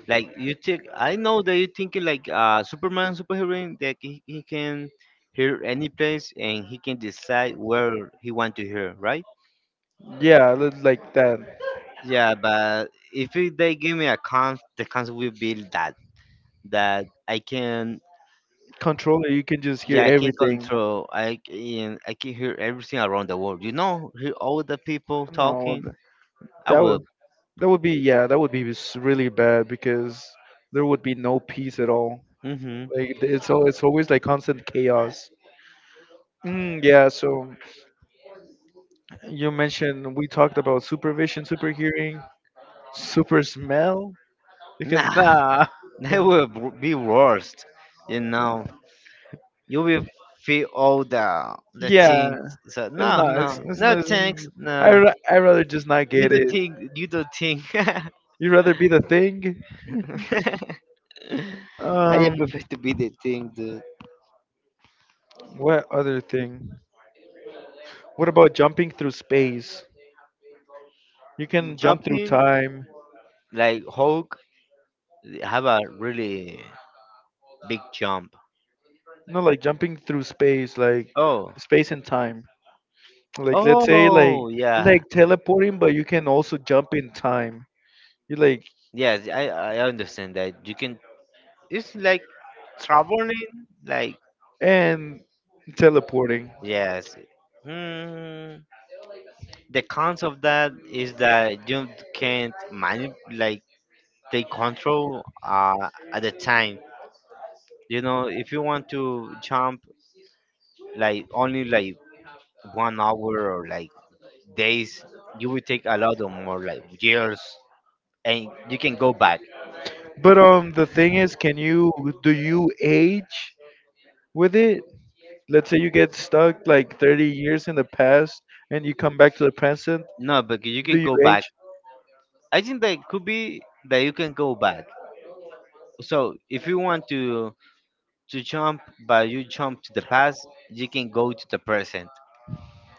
Like you think, I know that you thinking like, Superman superhero that he can hear any place and he can decide where he want to hear, right?
Yeah, like that
Yeah, but if they give me a con, the cons will be that that I can.
controller. You can just hear
Yeah, I can
everything.
control. I can hear everything around the world. You know, hear all the people
No,
talking.
th-
I
That
will.
would, that would be yeah, that would be really bad because there would be no peace at all.
Hmm.
Like it's all it's always like constant chaos. Mm, yeah, so. You mentioned we talked about supervision, super hearing, super smell, because
Nah,
nah,
that will be worst. You know, you will feel all the
yeah,
things. So
it's
no,
not.
no,
It's
no
not. It's,
thanks. No,
I rather just not
you
get
don't
it.
think. You don't think.
You rather be the thing.
I
Um,
prefer to be the thing, dude.
what other thing? What about jumping through space? You can jump through
Jumping,
time.
like Hulk have a really big jump.
No, like jumping through space, like
Oh.
space and time. Like let's say
Oh yeah,
like teleporting, but you can also jump in time. You like
yes, I understand that. You can. It's like traveling. Like,
and teleporting.
yes. Hmm. The cons of that is that you can't manage, like take control at the time. You know, if you want to jump like only like 1 hour or like days, you will take a lot of more like years, and you can go back.
But the thing is, can you do you age with it? Let's say you get stuck like 30 years in the past and you come back to the present.
No, but you
Do
can
you
go back.
age?
I think that could be that you can go back. So if you want to jump, but you jump to the past, you can go to the present.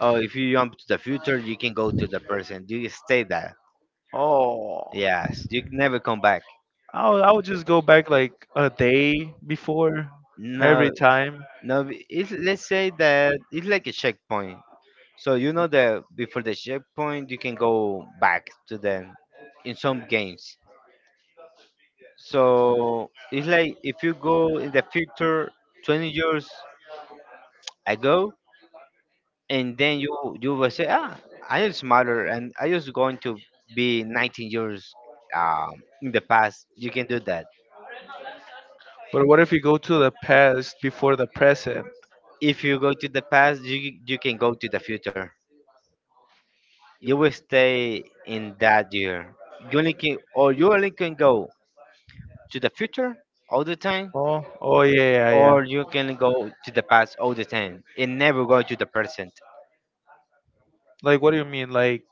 Or if you jump to the future, you can go to the present. You stay there.
Oh,
Yes, you can never come back.
I would just go back like a day before every
No,
time.
no. Let's say that it's like a checkpoint. So you know that before the checkpoint, you can go back to them in some games. So it's like if you go in the future 20 years ago, and then you will say, I am smarter and I was going to be 19 years in the past. You can do that.
But what if you go to the past before the present?
If you go to the past, you can go to the future. You will stay in that year. You only can go to the future all the time.
Oh, oh yeah, yeah, yeah.
Or you can go to the past all the time and never go to the present.
Like, what do you mean?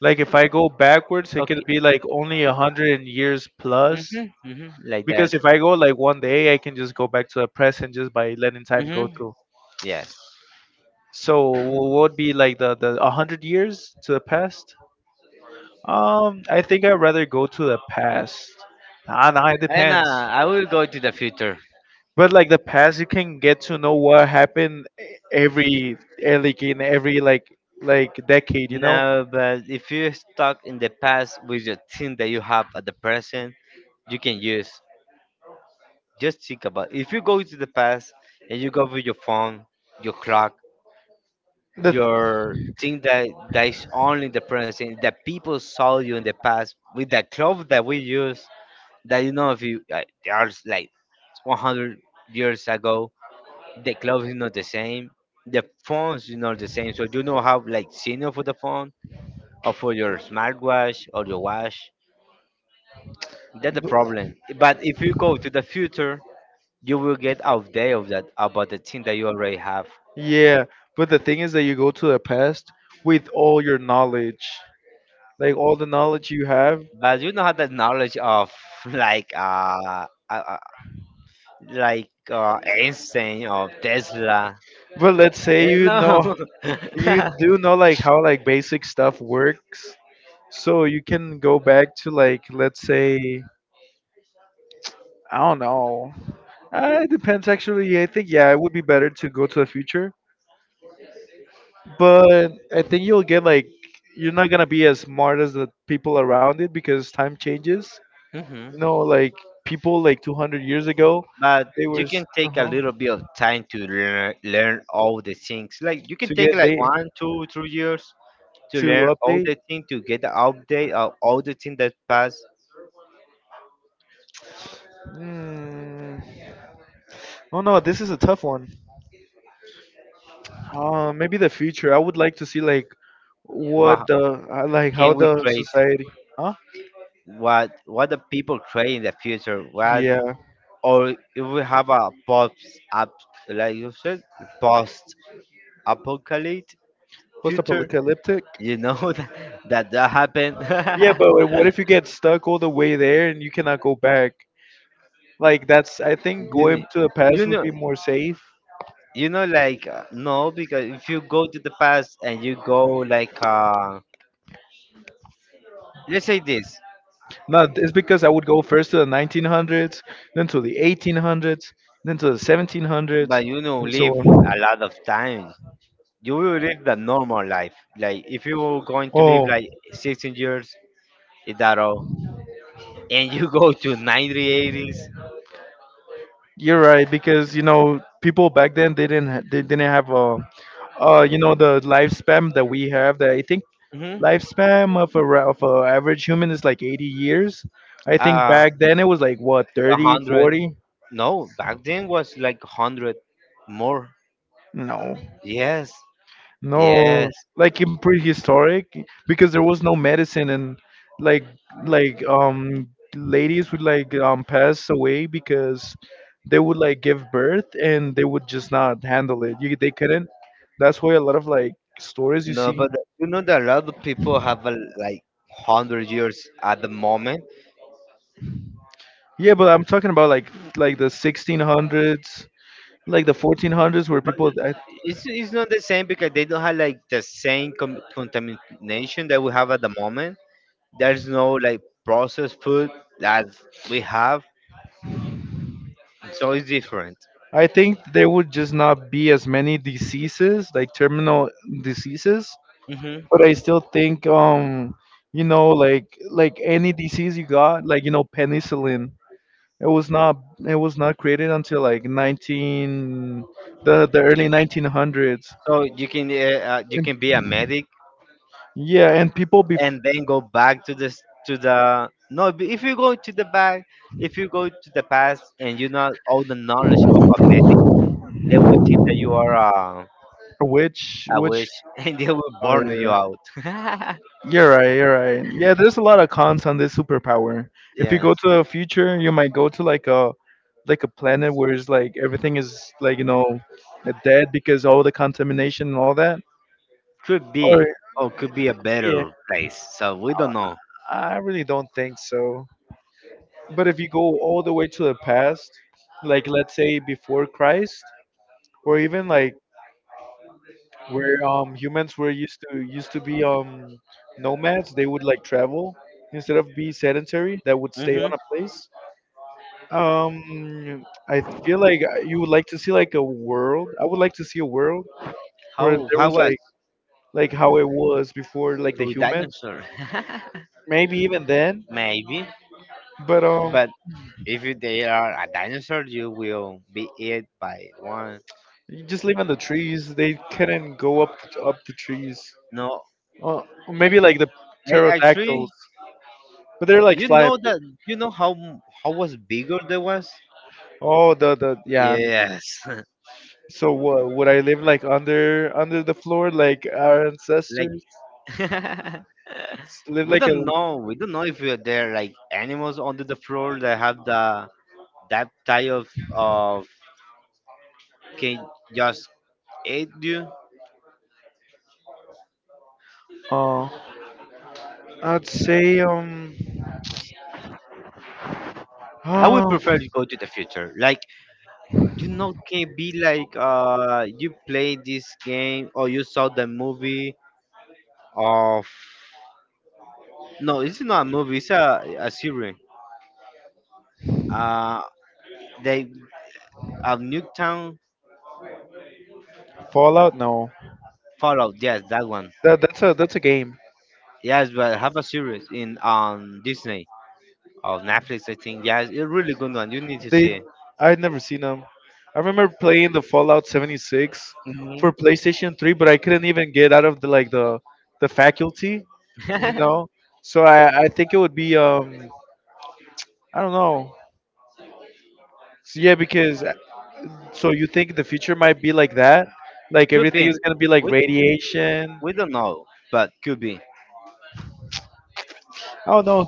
Like if I go backwards, it could
Okay.
be like only 100 years plus.
Mm-hmm, mm-hmm, like that.
Because if I go like 1 day, I can just go back to the present just by letting time go
Mm-hmm.
through.
Yes,
So what would be like the 100 years to the past? I think I'd rather go to the past. Nah, nah, it
and
depends.
I will go to the future.
But like the past, you can get to know what happened every like in every like decade, you know.
No, but if you're stuck in the past with your thing that you have at the present, you can use. Just think about, if you go to the past and you go with your phone, your clock,
The
your
b-
thing that is only in the present, that people saw you in the past with the clothes that we use. That, if you, they are like 100 years ago, the clothes is not the same. The phones is not the same. So you know how like senior for the phone or for your smartwatch or your watch. That's the problem. But if you go to the future, you will get outdated of that about the thing that you already have.
yeah, but the thing is that you go to the past with all your knowledge, like all the knowledge you have,
But you don't have the knowledge of like uh, uh uh, like Einstein or Tesla.
but let's say you
No.
know you do know like how like basic stuff works, so you can go back to like let's say I don't know, it depends actually I think yeah it would be better to go to the future but I think you'll get like you're not gonna be as smart as the people around it because time changes,
Hmm.
you know like people like 200 years ago
But
they were
you can take a
uh-huh,
little bit of time to learn all the things. Like you can
to
take
get
like
they
one, two, 3 years to
to
learn all the
update
things to get the update of all the things that pass.
mm. Oh no, this is a tough one. Maybe the future. I would like to see like what
What
the, like how
can we
the
create?
society. Huh?
What the people create in the future what
Yeah,
Or if we have a post, up, like you said, post apocalypse future
post-apocalyptic.
you know that that happened.
Yeah, but what if you get stuck all the way there and you cannot go back? Like that's, I think,
you
going
know,
to the past
you
would
know
be more safe.
no, because if you go to the past and you go like let's say this.
No, it's because I would go first to the 1900s, then to the 1800s, then to the 1700s,
But
and so
live
on.
a lot of time, you will live the normal life like if you were going to live
Oh,
like 16 years, is that all, and you go to 90-eighties,
you're right, because you know people back then they didn't ha- they didn't have a, the lifespan that we have, that I think
80s.
lifespan of of a average human is like 80 years. I think
Uh
back then it was like, what, thirty
100.
forty
No, back then was like 100 more.
No.
Yes,
No,
yes.
like in prehistoric, because there was no medicine, and like like um ladies would like pass away because they would like give birth and they would just not handle it. You they couldn't. That's why a lot of like stories you
No,
see.
but you know that a lot of people have, like 100 years at the moment.
Yeah, but I'm talking about like, the 1600s, like the 1400s, where
But
people I,
it's not the same because they don't have like the same contamination that we have at the moment. There's no like processed food that we have, so it's different.
I think there would just not be as many diseases, like terminal diseases.
hmm
But I still think, any disease you got, like, penicillin. It was not it was not created until like nineteen, the early 1900s.
So you can uh, uh, you
And,
can be a medic
yeah, and people before,
and then go back to the s- to the no. If you go to the back, if you go to the past and you not all the knowledge of a medic, they will think that you are a,
which
a witch
which.
and they will
Oh,
burn you
yeah.
out.
You're right, you're right. Yeah, there's a lot of cons on this superpower. If you
Yes,
go to the future, you might go to like a, planet where it's like everything is like, dead, because all the contamination and all that.
could
Or,
be, or could be a
yeah,
better place. So we don't know.
I really don't think so. But if you go all the way to the past, like, let's say, before Christ, or even like where, humans were used to be, nomads, they would like travel instead of be sedentary, that would stay
Hmm.
on a place. I feel like, you would like to see like a world. I would like to see a world where
How
there
how
was
was
like, how it was before, like the
with
human.
dinosaur?
Maybe even then,
Maybe,
but,
but If you, they are a dinosaur, you will be eaten by one.
you just live in the trees. They couldn't go up the trees.
No,
Uh, Maybe like the
they
pterodactyls,
actually,
but they're like
you
flying.
know that you know how was bigger they was.
Oh, the, yeah. And
Yes,
so what? Would I live like under the floor like our
like,
ancestors? Live
we
like a.
don't know. We don't know if we are there like animals under the floor that have the that type of can just eat you.
Uh, I'd say.
I would prefer to go to the future. Like, can be like you play this game or you saw the movie of, no, it's not a movie. It's a series. Uh, they of Nuketown.
Fallout? No,
Fallout. Yes, that one.
that's a game.
Yes, but have a series in on Disney of Netflix. I think. Yes, it's a really good one. You need to
They
see it.
I'd never seen them. I remember playing the Fallout 76
Hmm.
for PlayStation 3, but I couldn't even get out of the, like, the faculty, you know. So I think it would be, I don't know. So, yeah, because, so you think the future might be like that? Like
Could
everything
be.
is gonna be like
We
radiation.
we don't know, but could be.
I don't know.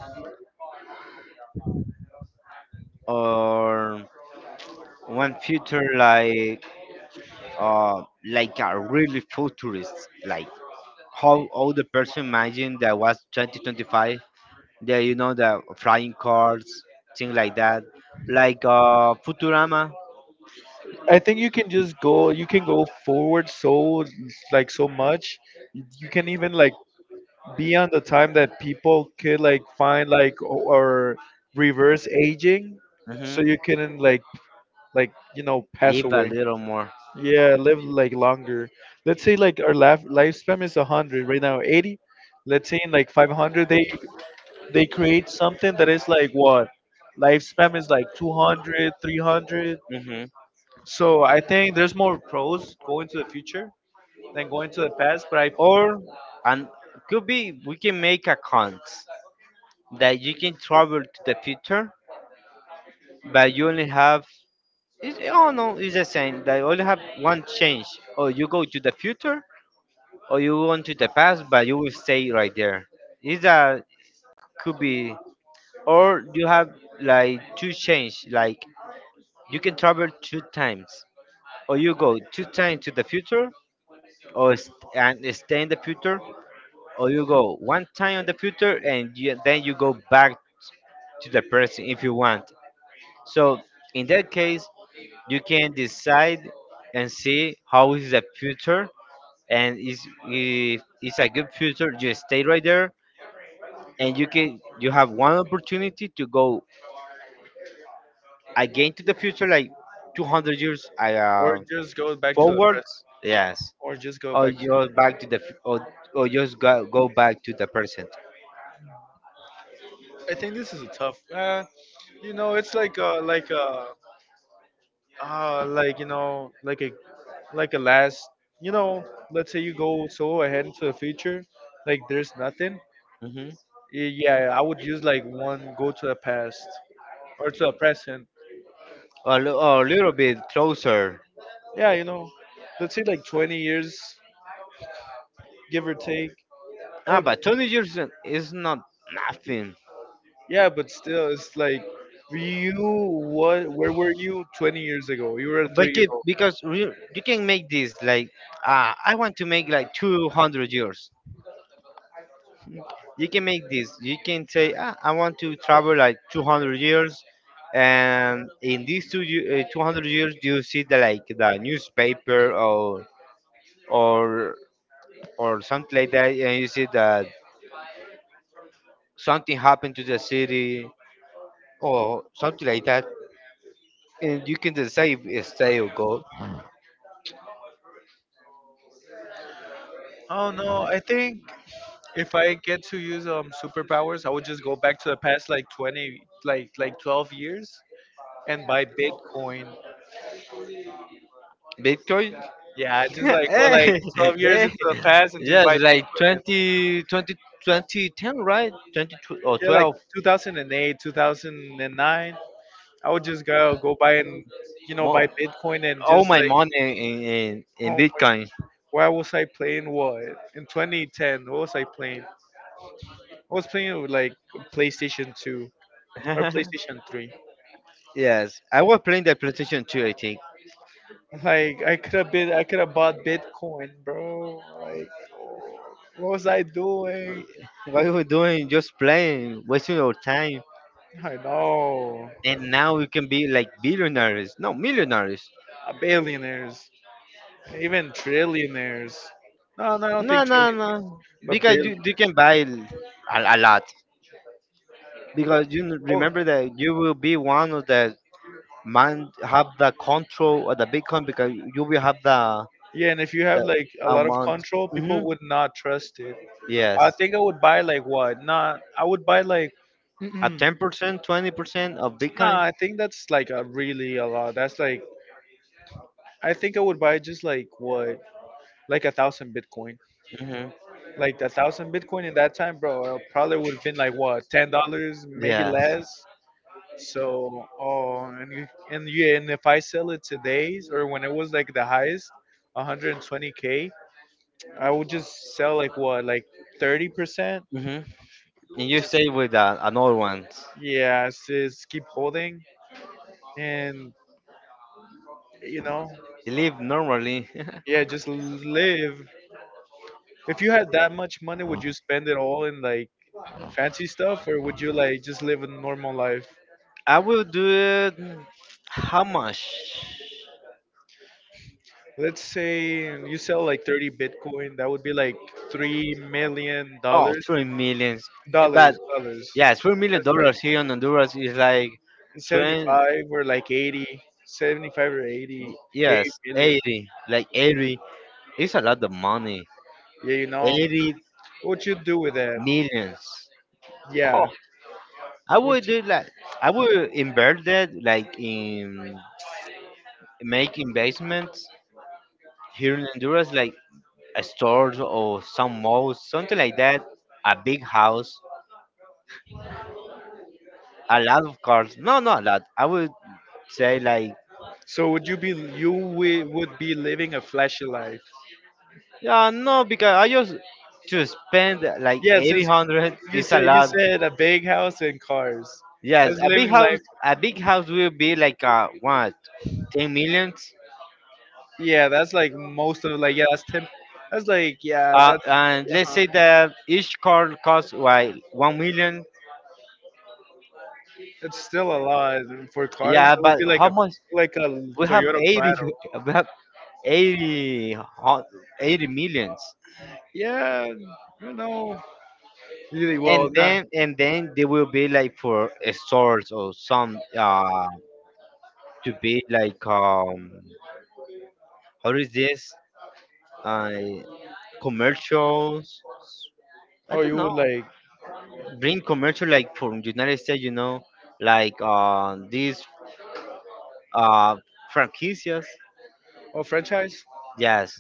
Or one future uh like a really futurist, like how all the person imagine that was 2025. Yeah, you know the flying cars, things like that, like futurama.
I think you can just go. You can go forward so like, so much. You can even like beyond the time that people could like find like, or reverse aging, so
Hmm.
you can like, pass
Leave a
away,
little more.
yeah, live like longer. Let's say like our lifespan is 100 right now, 80. Let's say in like 500 they create something that is like, what, lifespan is like 200, 300.
Hmm.
So I think there's more pros going to the future than going to the past, but I...
Or and could be we can make accounts that you can travel to the future, but you only have, oh, no, it's the same. They only have one change. Or you go to the future or you go to the past, but you will stay right there. Is that. Could be. Or you have like two change, like you can travel two times or you go two times to the future, or st- and stay in the future. Or you go one time on the future and you, then you go back to the present if you want. So in that case, you can decide and see how is the future, and is if it's a good future you stay right there. And you have one opportunity to go again to the future, like 200 years,
Or just go back to the present.
forwards. Yes.
Or just go
Or
back.
you back to the f- or just go back to the present.
I think this is a tough. You know, it's like, like, like, like a, last. You know, let's say you go so ahead into the future, like there's nothing.
Hmm.
Yeah, I would use like one go to the past or to the present.
Or a little bit closer.
Yeah, you know, let's say, like, 20 years, give or take. I would.
But 20 years is not nothing.
Yeah, but still, it's like, you what? Where were you 20 years ago? You were a three
But,
year old.
because you can make this like, I want to make like 200 years. You can make this, you can say, I want to travel like 200 years, and in these 200 years you see the newspaper or or something like that, and you see the something happened to the city or something like that, and you can decide if stay or go.
Oh no, I think, if I get to use, superpowers, I would just go back to the past like 20, like 12 years, and buy Bitcoin.
Bitcoin.
Yeah, just like go like
Hey,
12 years
hey,
into the past and just
yes,
buy
like
Bitcoin and,
2010, right? 20 or
yeah, like
12.
2008, 2009, I would just go buy and, buy
Mo-
Bitcoin, and
all
just
my
like...
money in
Oh,
Bitcoin.
why was I playing, what, in 2010? What was I playing? I was playing with like PlayStation 2 or PlayStation 3.
Yes, I was playing the PlayStation 2. I think
Like, I could have bought Bitcoin, bro. Like, what was I doing?
what we were doing, just playing, wasting our time,
I know.
and now we can be like billionaires, no, millionaires.
Billionaires, even trillionaires. No, no, I don't
No,
think
no, no.
trillionaires, but
Because you
billionaires.
can buy a lot. Because you
Oh,
remember that you will be one of the man have the control of the Bitcoin, because you will have the
yeah, and if you have
the
like a lot of
amount.
control,
Hmm.
people would not trust it.
Yes,
I think I would buy, like, what? Not, I would buy like.
a
Mm-mm.
10%, 20% of
Nah,
Bitcoin.
I think that's like a really a lot. That's like, I think I would buy just like, what, like 1,000 Bitcoin.
Hmm.
Like a thousand Bitcoin in that time, bro, probably would have been like, what, $10, maybe less.
Yes.
So, oh, and, yeah, and if I sell it today's, or when it was like the highest, 120k, I would just sell like, what, like 30%.
Hmm. And you stay with another one.
Yeah, just keep holding and, you know,
You live normally.
yeah, just live. If you had that much money, would you spend it all in like fancy stuff, or would you like just live a normal life?
I will do it. How much?
Let's say you sell like 30 Bitcoin, that would be like three million
Oh,
dollars,
three millions. But yeah, three million
That's like
dollars here in Honduras is like 20.
75, or like 80, 75 or 80 k
Yes,
million.
80. Like 80. It's a lot of money.
Yeah, you know
80
what you do with that?
millions.
Yeah.
Oh, I would do like I would invert that, like in make investments here in Honduras, like a store or some mall, something like that. A big house, a lot of cars. No, not a lot. I would say like.
So would you be, would be living a flashy life?
Yeah, no, because I just to spend like
Yeah,
eighty
since
hundred is a
you
lot.
said a big house and cars.
Yes,
That's living life.
a big house will be like ten millions.
Yeah, that's like most of like, yeah, that's ten. That's like, yeah, that's.
And let's
Uh-huh.
say that each car costs like 1 million.
It's still a lot for cars. It
Yeah,
would
but
be like
how
a,
much?
like a
We have
Toyota
80.
Prado.
We have 80, hu- 80 millions.
Yeah, you know. Really well,
And
nah.
then and then they will be like for a stores or some to be like how is this, I, commercials. I
Oh,
don't
you would
know.
like.
Bring commercial like from United States, you know, like, these uh, franquicias.
Oh, franchise?
Yes,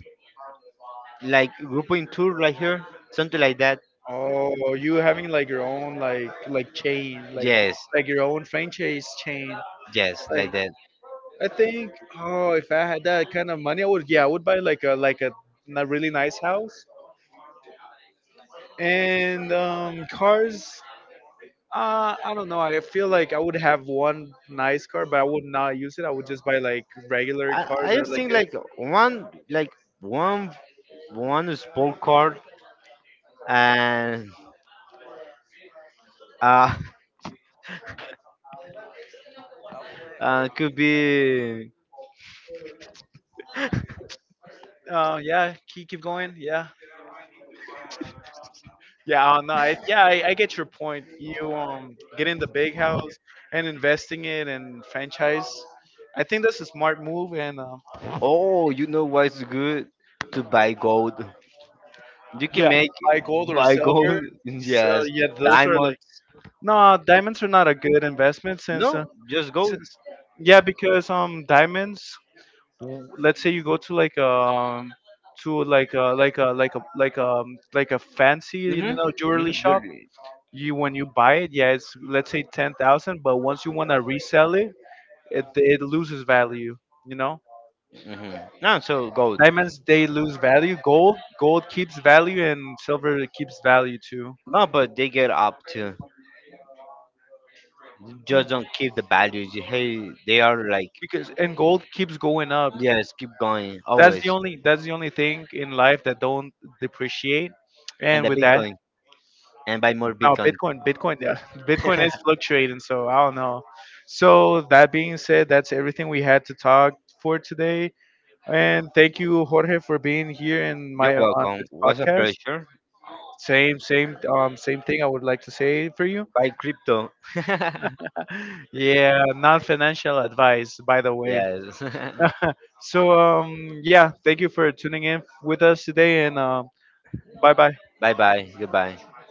like Grupo in Tour, like here, something like that.
Oh, you having like your own, like chain, like
Yes,
your own franchise chain.
yes,
Like,
like that.
I think, oh, if I had that kind of money, I would, yeah, I would buy like a, a really nice house and, cars. I don't know. I feel like I would have one nice car, but I would not use it. I would just buy like regular
I,
cars,
I
or
just
like
think like one one sport card, and uh, could be.
a. Yeah, keep going. Yeah, yeah. No, yeah, I get your point. You, getting the big house and investing it and franchise. I think that's a smart move. And,
Oh, you know what's good, to buy gold. You
yeah,
can make
buy gold or
by
silver.
goal.
So,
Yes,
yeah, those are like.
diamonds.
No, diamonds are not a good investment, since,
No, just gold.
since yeah, because, diamonds, let's say you go to like, to like a fancy,
Mhm.
jewelry
Mhm.
shop.
You're,
You When you buy it, yeah, it's, let's say, 10,000, but once you want to resell it, it loses value, you know.
mhm. No, so gold.
Diamonds, they lose value. Gold keeps value, and silver keeps value too.
No, but they get up to.
Mm,
Just don't keep the values. Hey, they are like,
because, and gold keeps going up.
yes. Keep going
that's
always.
the only that's the only thing in life that don't depreciate,
And
and
the
with that...
Bitcoin, and buy more
No,
Bitcoin.
Bitcoin, yeah. Bitcoin is fluctuating, so I don't know. So, that being said, that's everything we had to talk for today. And thank you, Jorge, for being here in
You're
my on
welcome.
this
Was a
podcast.
pleasure.
Same thing I would like to say for you.
Buy crypto.
Yeah, non-financial advice, by the way.
Yes.
So, yeah, thank you for tuning in with us today, and, bye bye.
Bye, bye. Goodbye.